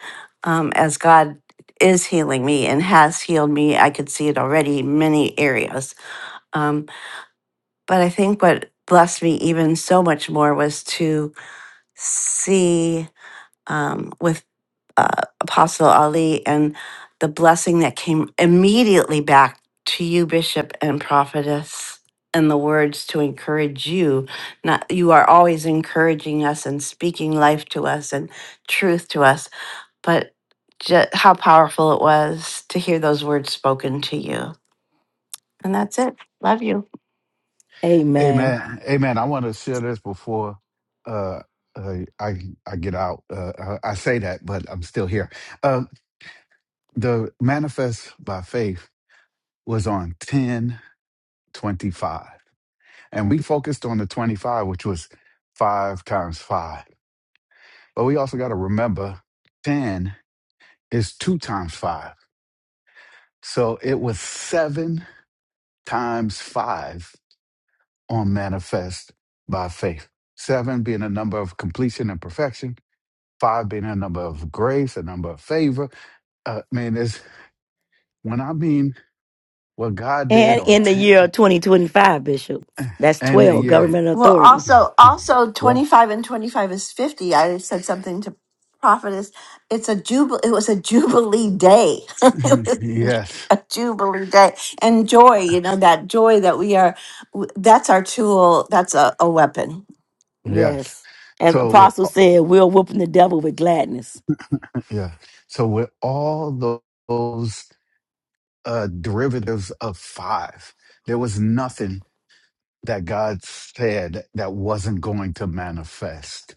Speaker 11: um, as God is healing me and has healed me. I could see it already in many areas. Um, but I think what blessed me even so much more was to see um, with uh, Apostle Ali and the blessing that came immediately back to you, Bishop and Prophetess, and the words to encourage you. Not you are always encouraging us and speaking life to us and truth to us, but ju- how powerful it was to hear those words spoken to you. And that's it. Love you.
Speaker 2: Amen.
Speaker 1: Amen. Amen. I want to share this before uh, uh, I I get out. Uh, I, I say that, but I'm still here. Uh, the manifest by faith was on ten twenty five, and we focused on the 25, which was five times five. But we also got to remember 10 is two times five. So it was seven times five on manifest by faith. Seven being a number of completion and perfection five being a number of grace, a number of favor. Uh, man, it's when I mean what God did
Speaker 2: And
Speaker 1: on
Speaker 2: in the
Speaker 1: 10
Speaker 2: year of 2025, Bishop, that's
Speaker 1: and the
Speaker 2: 12,
Speaker 1: year.
Speaker 2: government
Speaker 11: Well,
Speaker 2: authority.
Speaker 11: also, also
Speaker 1: Yeah.
Speaker 11: twenty five and twenty five is fifty. I said something to prophetess. It's a jubil. It was a jubilee day. It was
Speaker 1: yes.
Speaker 11: a jubilee day and joy. You know that joy that we are. w- That's our tool. That's a, a weapon.
Speaker 1: Yes.
Speaker 2: Yes. As
Speaker 1: So with
Speaker 2: Apostle said, we're whooping the devil with gladness.
Speaker 1: yeah. So with all tho- those uh, derivatives of five, there was nothing that God said that wasn't going to manifest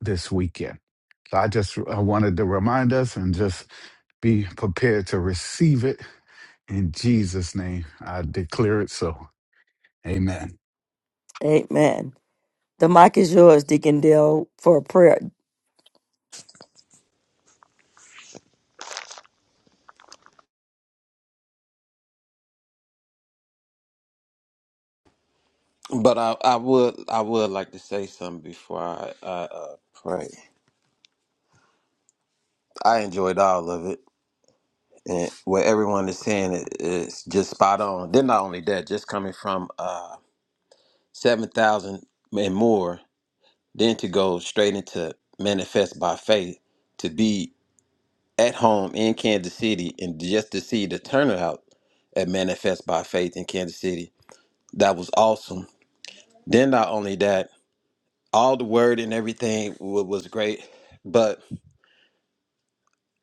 Speaker 1: this weekend. So I just I wanted to remind us and just be prepared to receive it In Jesus' name, I declare it so. Amen.
Speaker 2: Amen. The mic is yours, Deacon Dale, for a prayer.
Speaker 3: But I, I would I would like to say something before I, I uh, pray. I enjoyed all of it, and what everyone is saying is is just spot on. Then not only that, just coming from uh, seven thousand and more, then to go straight into manifest by faith, to be at home in Kansas City, and just to see the turnout at manifest by faith in Kansas City, that was awesome. Then not only that, all the word and everything wa- was great, but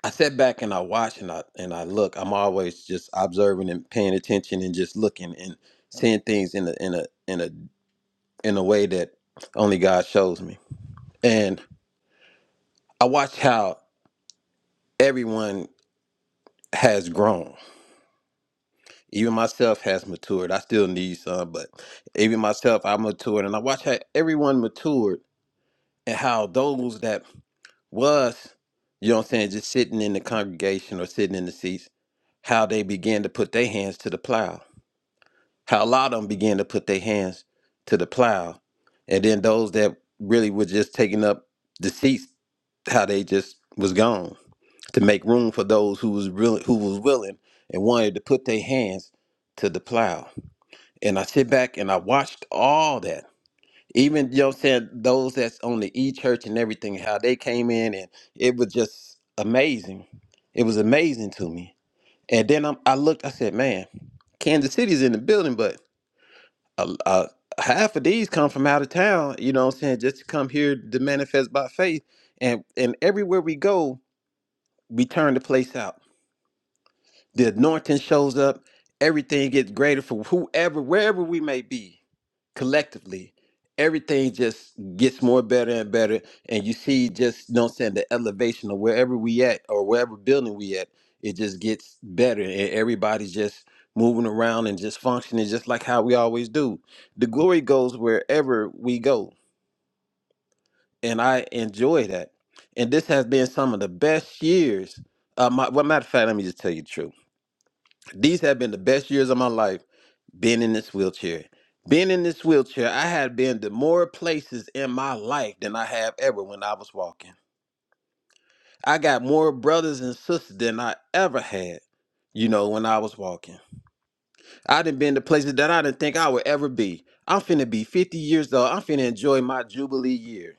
Speaker 3: I sat back and I watch and I and I look. I'm always just observing and paying attention and just looking and seeing things in a in a in a in a way that only God shows me. And I watched how everyone has grown. Even myself has matured. I still need some, but even myself, I matured. And I watched how everyone matured and how those that was, you know what I'm saying, just sitting in the congregation or sitting in the seats, how they began to put their hands to the plow How a lot of them began to put their hands to the plow, and then those that really were just taking up the seats, how they just was gone to make room for those who was real, who was willing and wanted to put their hands to the plow. And I sit back and I watched all that. Even you know what I'm saying, those that's on the E church and everything, how they came in and it was just amazing. It was amazing to me. And then I'm, I looked, I said, man, Kansas City's in the building, but a, a, half of these come from out of town, you know what I'm saying, just to come here to manifest by faith. And and everywhere we go, we turn the place out. The anointing shows up. Everything gets greater for whoever, wherever we may be collectively. Everything just gets more better and better. And you see just, you know what I'm saying, the elevation of wherever we at or wherever building we at, it just gets better. And everybody's just moving around and just functioning just like how we always do. The glory goes wherever we go. And I enjoy that. And this has been some of the best years. Uh, my, well, matter of fact, let me just tell you the truth. These have been the best years of my life being in this wheelchair. Being in this wheelchair, I had been to more places in my life than I have ever when I was walking. I got more brothers and sisters than I ever had, you know, when I was walking. I done been to places that I didn't think I would ever be. I'm finna be 50 years old. I'm finna enjoy my Jubilee year.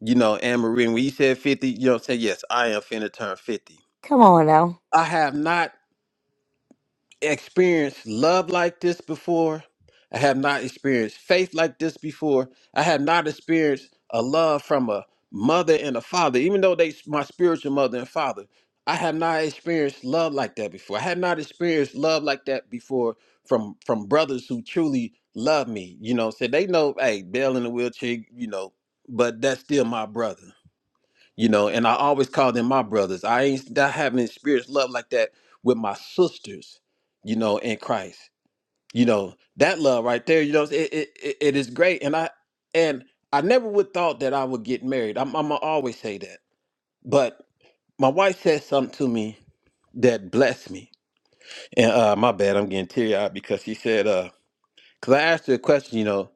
Speaker 3: You know, Anne Marie, when you said 50, you know what I'm saying? Yes, I am finna turn 50.
Speaker 2: Come on now.
Speaker 3: I have not. experienced love like this before. I have not experienced faith like this before. I have not experienced a love from a mother and a father, even though they my spiritual mother and father. I have not experienced love like that before. I have not experienced love like that before from from brothers who truly love me. You know, so they know, hey, Bill in the wheelchair, you know, but that's still my brother you know and i always call them my brothers i ain't not having experienced love like that with my sisters you know in christ you know that love right there you know it, it, it it is great and i and i never would thought that i would get married i'm, I'm gonna always say that but my wife said something to me that blessed me and uh my bad i'm getting teary-eyed because she said uh because i asked her a question you know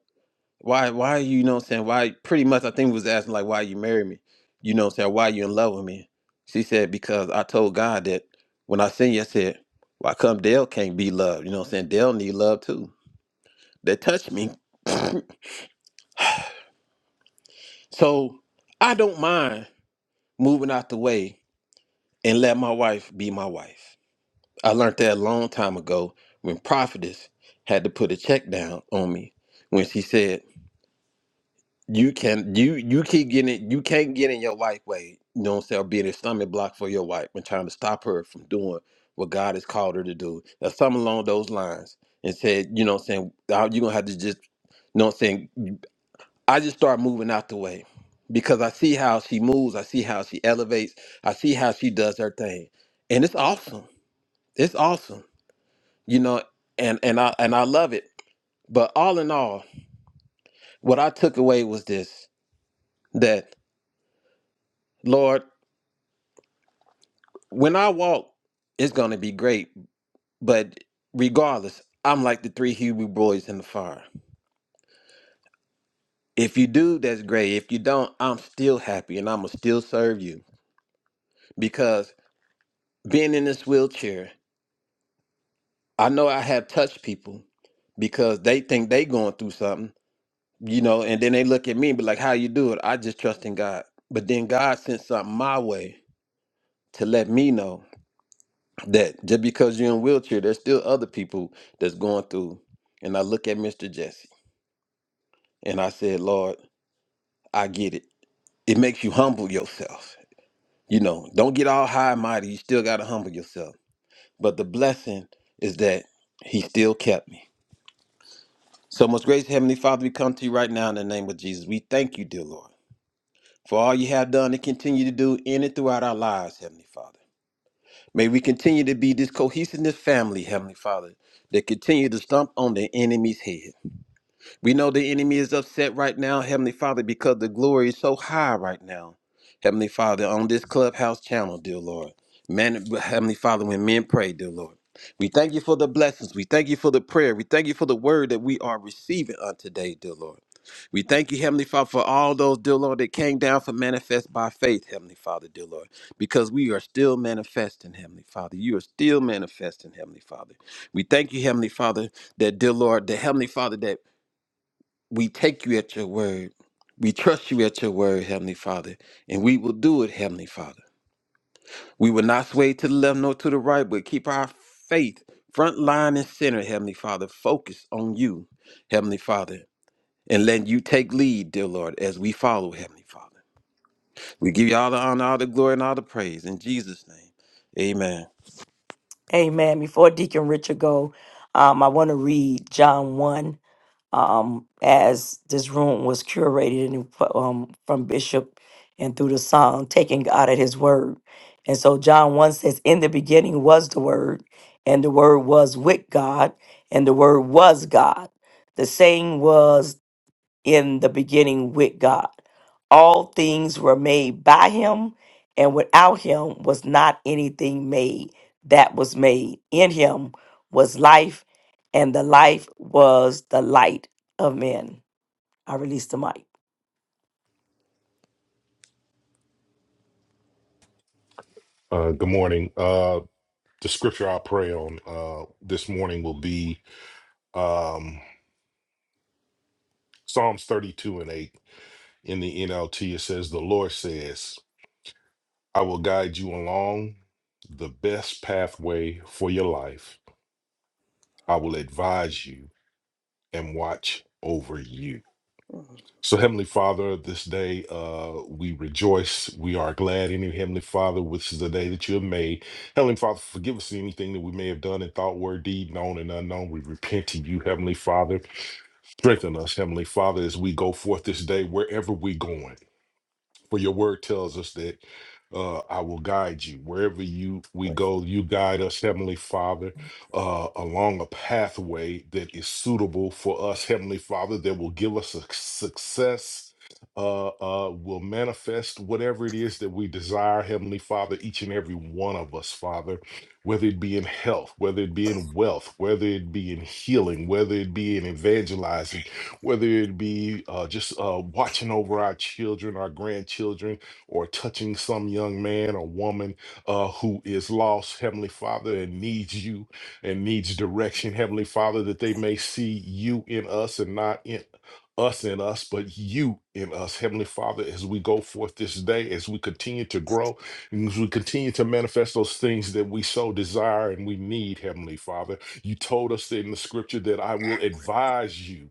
Speaker 3: why why you, you know what I'm saying why pretty much I think was asking like why you marry me you know what I'm saying why you in love with me she said because I told God that when I seen you I said why come Dale can't be loved you know what I'm saying Dale need love too that touched me so I don't mind moving out the way and let my wife be my wife I learned that a long time ago when prophetess had to put a check down on me when she said You can you you keep getting it. You can't get in your life way. You know what I'm saying? Or being a stomach block for your wife and trying to stop her from doing what God has called her to do, or something along those lines. And said, you know what I'm saying? You're gonna have to just, you know what I'm saying? I just start moving out the way because I see how she moves. I see how she elevates. I see how she does her thing, and it's awesome. It's awesome, you know. And and I and I love it. But all in all, what I took away was this: that Lord. when I walk, it's gonna be great. But regardless, I'm like the three Hebrew boys in the fire. If you do, that's great. If you don't, I'm still happy and I'ma still serve you. Because being in this wheelchair, I know I have touched people because they think they going through something, you know, and then they look at me and be like, How you do it? I just trust in God. But then God sent something my way to let me know that just because you're in a wheelchair, there's still other people that's going through. And I look at Mr. Jesse. And I said, Lord, I get it. It makes you humble yourself. You know, don't get all high and mighty. You still got to humble yourself. But the blessing is that He still kept me. So, most gracious Heavenly Father, we come to you right now in the name of Jesus. We thank you, dear Lord, for all you have done and continue to do in and throughout our lives, Heavenly Father. May we continue to be this cohesiveness family, Heavenly Father, that continue to stomp on the enemy's head. We know the enemy is upset right now, Heavenly Father, because the glory is so high right now. Heavenly Father, on this clubhouse channel, dear Lord. Man, Heavenly Father, when men pray, dear Lord. We thank you for the blessings. We thank you for the prayer. We thank you for the word that we are receiving on today, dear Lord. We thank you, Heavenly Father, for all those, dear Lord, that came down for manifest by faith, Heavenly Father, dear Lord, because we are still manifesting, Heavenly Father. You are still manifesting, Heavenly Father. We thank you, Heavenly Father, that, dear Lord, the Heavenly Father, that we take you at your word. We trust you at your word, Heavenly Father, and we will do it, Heavenly Father. We will not sway to the left nor to the right, but keep our faith front line and center, Heavenly Father, focused on you, Heavenly Father, and let you take lead, dear Lord, as we follow, Heavenly Father. We give you all the honor, all the glory, and all the praise in Jesus' name. Amen.
Speaker 2: Amen. Before Deacon Richard go, um, I want to read John 1 um, as this room was curated and, um, from Bishop and through the song, Taking God at His Word. And so John 1 says, In the beginning was the Word, and the Word was with God, and the Word was God. The saying was, in the beginning with God. All things were made by him, and without him was not anything made that was made. In him was life, and the life was the light of men. I release the mic.
Speaker 8: Uh, good morning. Uh, the scripture I'll pray on uh, this morning will be um, Psalms 32 and 8 in the NLT. It says, The Lord says, I will guide you along the best pathway for your life. I will advise you and watch over you. So, Heavenly Father, this day uh, we rejoice. We are glad in you, Heavenly Father, which is the day that you have made. Heavenly Father, forgive us anything that we may have done in thought, word, deed, known and unknown. We repent to you, Heavenly Father. Strengthen us, Heavenly Father, as we go forth this day, wherever we're going. For your word tells us that uh, I will guide you wherever you we go. You guide us, Heavenly Father, uh, along a pathway that is suitable for us, Heavenly Father, that will give us a success. Uh, uh, will manifest whatever it is that we desire, Heavenly Father, each and every one of us, Father, whether it be in health, whether it be in wealth, whether it be in healing, whether it be in evangelizing whether it be uh, just uh, watching over our children, our grandchildren, or touching some young man or woman uh, who is lost, Heavenly Father, and needs you and needs direction, Heavenly Father, that they may see you in us and not in us in us, but you in us, Heavenly Father, as we go forth this day, as we continue to grow, and as we continue to manifest those things that we so desire and we need, Heavenly Father. You told us in the scripture that I will advise you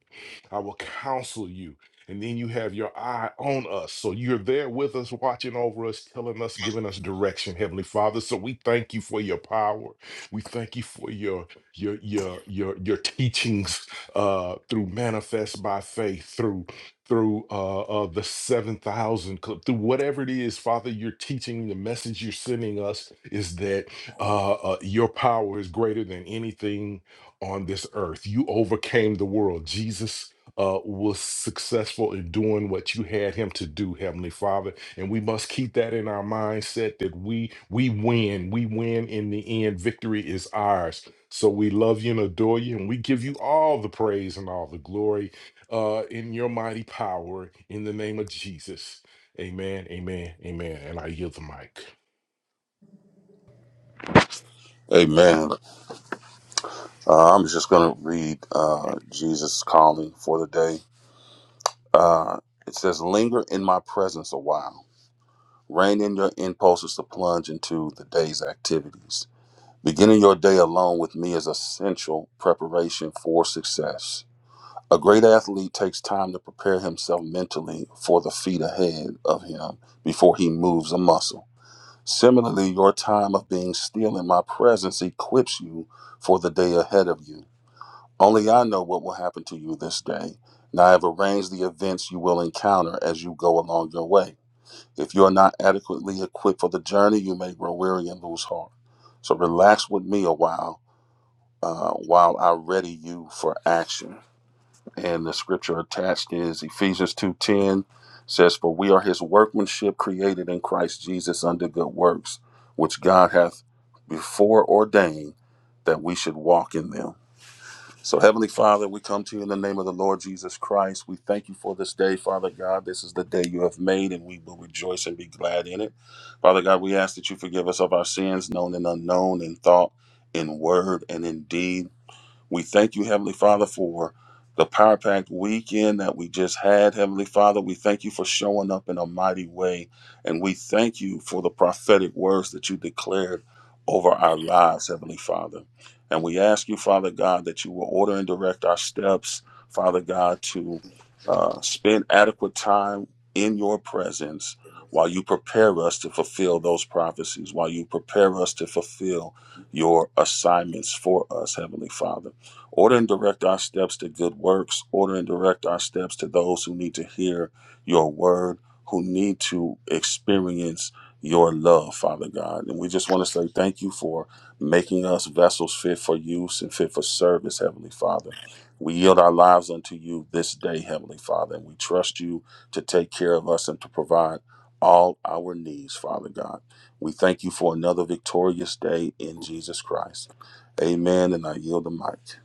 Speaker 8: I will counsel you. And then you have your eye on us. So you're there with us, watching over us, telling us, giving us direction, Heavenly Father. So we thank you for your power. We thank you for your your your your your teachings uh through manifest by faith, through through uh, uh the 7000 club through whatever it is father you're teaching the message you're sending us is that uh, uh your power is greater than anything on this earth you overcame the world jesus uh, was successful in doing what you had him to do, Heavenly Father. And we must keep that in our mindset that we we win. We win in the end. Victory is ours. So we love you and adore you, and we give you all the praise and all the glory uh, in your mighty power in the name of Jesus. Amen, amen, amen. And I yield the mic.
Speaker 7: Amen. Uh, I'm just going to read uh, Jesus' calling for the day. Uh, it says, Linger in my presence a while. Rein in your impulses to plunge into the day's activities. Beginning your day alone with me is essential preparation for success. A great athlete takes time to prepare himself mentally for the feat ahead of him before he moves a muscle. Similarly, your time of being still in my presence equips you for the day ahead of you. Only I know what will happen to you this day, and I have arranged the events you will encounter as you go along your way. If you are not adequately equipped for the journey, you may grow weary and lose heart. So relax with me a while uh, while I ready you for action and the scripture attached is Ephesians 2:10 says for we are his workmanship created in Christ Jesus unto good works which God hath before ordained that we should walk in them. So heavenly Father, we come to you in the name of the Lord Jesus Christ. We thank you for this day, Father God. This is the day you have made and we will rejoice and be glad in it. Father God, we ask that you forgive us of our sins known and unknown in thought, in word and in deed. We thank you, Heavenly Father, for the Power Pack weekend that we just had, Heavenly Father. We thank you for showing up in a mighty way. And we thank you for the prophetic words that you declared over our lives, Heavenly Father. And we ask you, Father God, that you will order and direct our steps, Father God, to uh, spend adequate time in your presence while you prepare us to fulfill those prophecies, while you prepare us to fulfill your assignments for us, Heavenly Father. Order and direct our steps to good works. Order and direct our steps to those who need to hear your word, who need to experience your love, Father God. And we just want to say thank you for making us vessels fit for use and fit for service, Heavenly Father. We yield our lives unto you this day, Heavenly Father, and we trust you to take care of us and to provide all our needs, Father God. We thank you for another victorious day in Jesus Christ. Amen. And I yield the mic.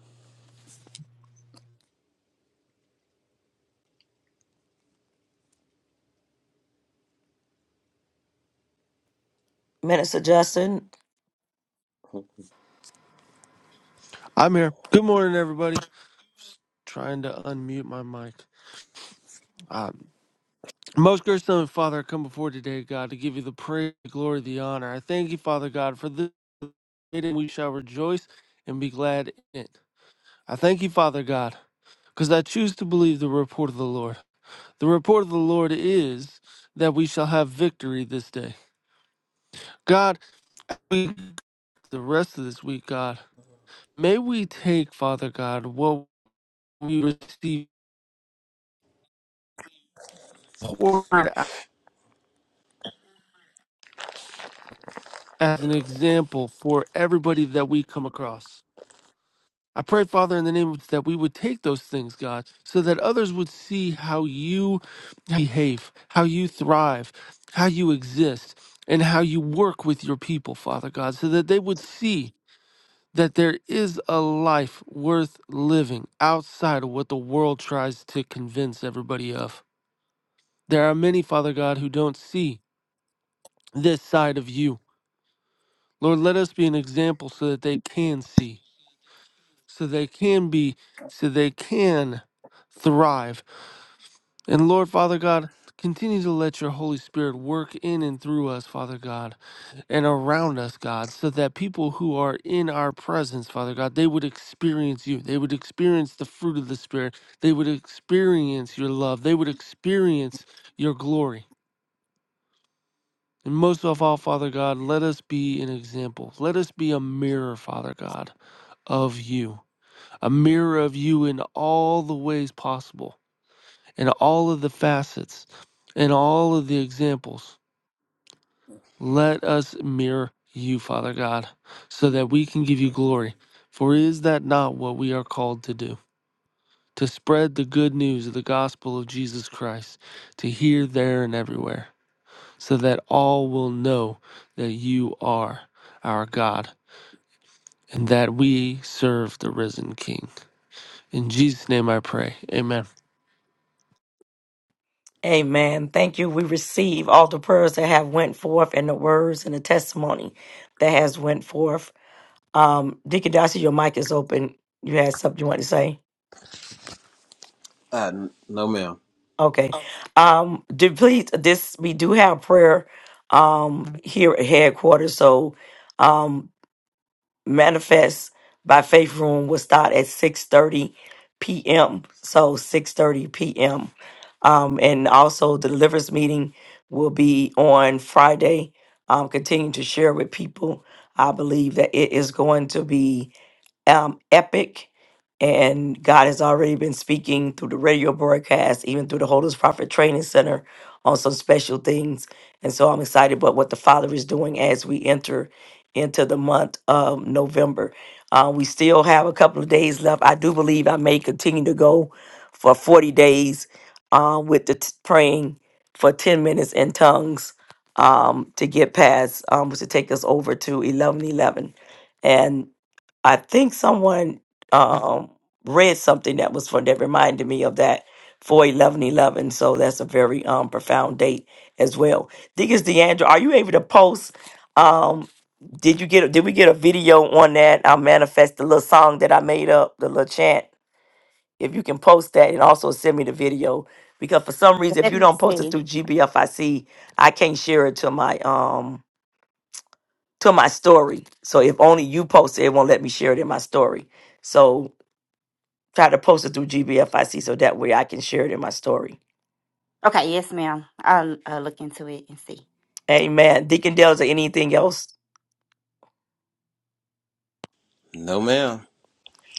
Speaker 2: Minister Justin,
Speaker 12: I'm here. Good morning, everybody. Just trying to unmute my mic. Um, most gracious Heavenly Father, I come before today, God, to give you the praise, the glory, the honor. I thank you, Father God, for this day that we shall rejoice and be glad in it. I thank you, Father God, because I choose to believe the report of the Lord. The report of the Lord is that we shall have victory this day. God, we the rest of this week, God, may we take, Father God, what we receive poured out. as an example for everybody that we come across. I pray, Father, in the name of, that we would take those things, God, so that others would see how you behave, how you thrive, how you exist, and how you work with your people, Father God, so that they would see that there is a life worth living outside of what the world tries to convince everybody of. There are many, Father God, who don't see this side of you. Lord, let us be an example so that they can see. so they can be, so they can thrive. And Lord, Father God, continue to let your Holy Spirit work in and through us, Father God, and around us, God, so that people who are in our presence, Father God, they would experience you. They would experience the fruit of the Spirit. They would experience your love. They would experience your glory. And most of all, Father God, let us be an example. Let us be a mirror, Father God, of you. a mirror of you in all the ways possible, in all of the facets, in all of the examples. Let us mirror you, Father God, so that we can give you glory. For is that not what we are called to do? To spread the good news of the gospel of Jesus Christ, to here, there, and everywhere, so that all will know that you are our God and that we serve the risen King. In Jesus' name I pray. Amen.
Speaker 2: amen. Thank you. We receive all the prayers that have went forth and the words and the testimony that has went forth. Um, Deacon Darcy, your mic is open. You had something you want to say?
Speaker 3: Uh, n- no, ma'am.
Speaker 2: Okay. Um, do please this we do have prayer um here at headquarters, so um manifest by faith room will start at six thirty PM. So six thirty PM. Um and also the deliverance meeting will be on Friday. Um continue to share with people. I believe that it is going to be um, epic. And God has already been speaking through the radio broadcast, even through the Holders Prophet Training Center on some special things. And so I'm excited about what the Father is doing as we enter into the month of November. Uh, we still have a couple of days left. I do believe I may continue to go for 40 days uh, with the t- praying for 10 minutes in tongues um, to get past, um, to take us over to 1111. I think someone um, read something that was for that reminded me of that for eleven eleven. So that's a very um, profound date as well. Deacons DeAndre, are you able to post? Um, did you get? Did we get a video on that? I manifest the little song that I made up, the little chant. If you can post that and also send me the video, because for some reason, if
Speaker 10: Let
Speaker 2: you
Speaker 10: me
Speaker 2: don't post it
Speaker 10: see.
Speaker 2: through GBFIC, I can't share it to my um to my story. So if only you post it, it won't let me share it in my story. So try to post it through GBFIC so that way I can share it in my story.
Speaker 10: Okay, yes, ma'am. I'll, I'll look into it and see.
Speaker 2: Amen. Deacon Dale, or anything else?
Speaker 3: No, ma'am.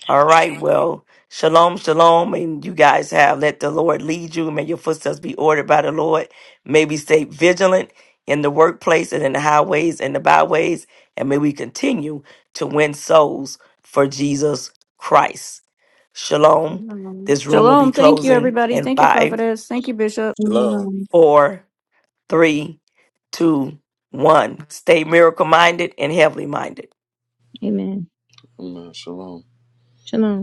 Speaker 2: All right. Well, shalom, shalom. And you guys have let the Lord lead you. May your footsteps be ordered by the Lord. May we stay vigilant in the workplace and in the highways and the byways. And may we continue to win souls for Jesus Christ. Shalom. This room will be
Speaker 5: Shalom. Thank you,
Speaker 2: closing
Speaker 5: everybody.
Speaker 2: in
Speaker 5: Thank you,
Speaker 2: five,
Speaker 5: prophetess. Thank you, bishop.
Speaker 3: Shalom.
Speaker 9: Amen.
Speaker 2: four, three, two, one. Stay miracle minded and heavenly minded.
Speaker 9: Amen.
Speaker 7: Amen. Shalom.
Speaker 9: Shalom.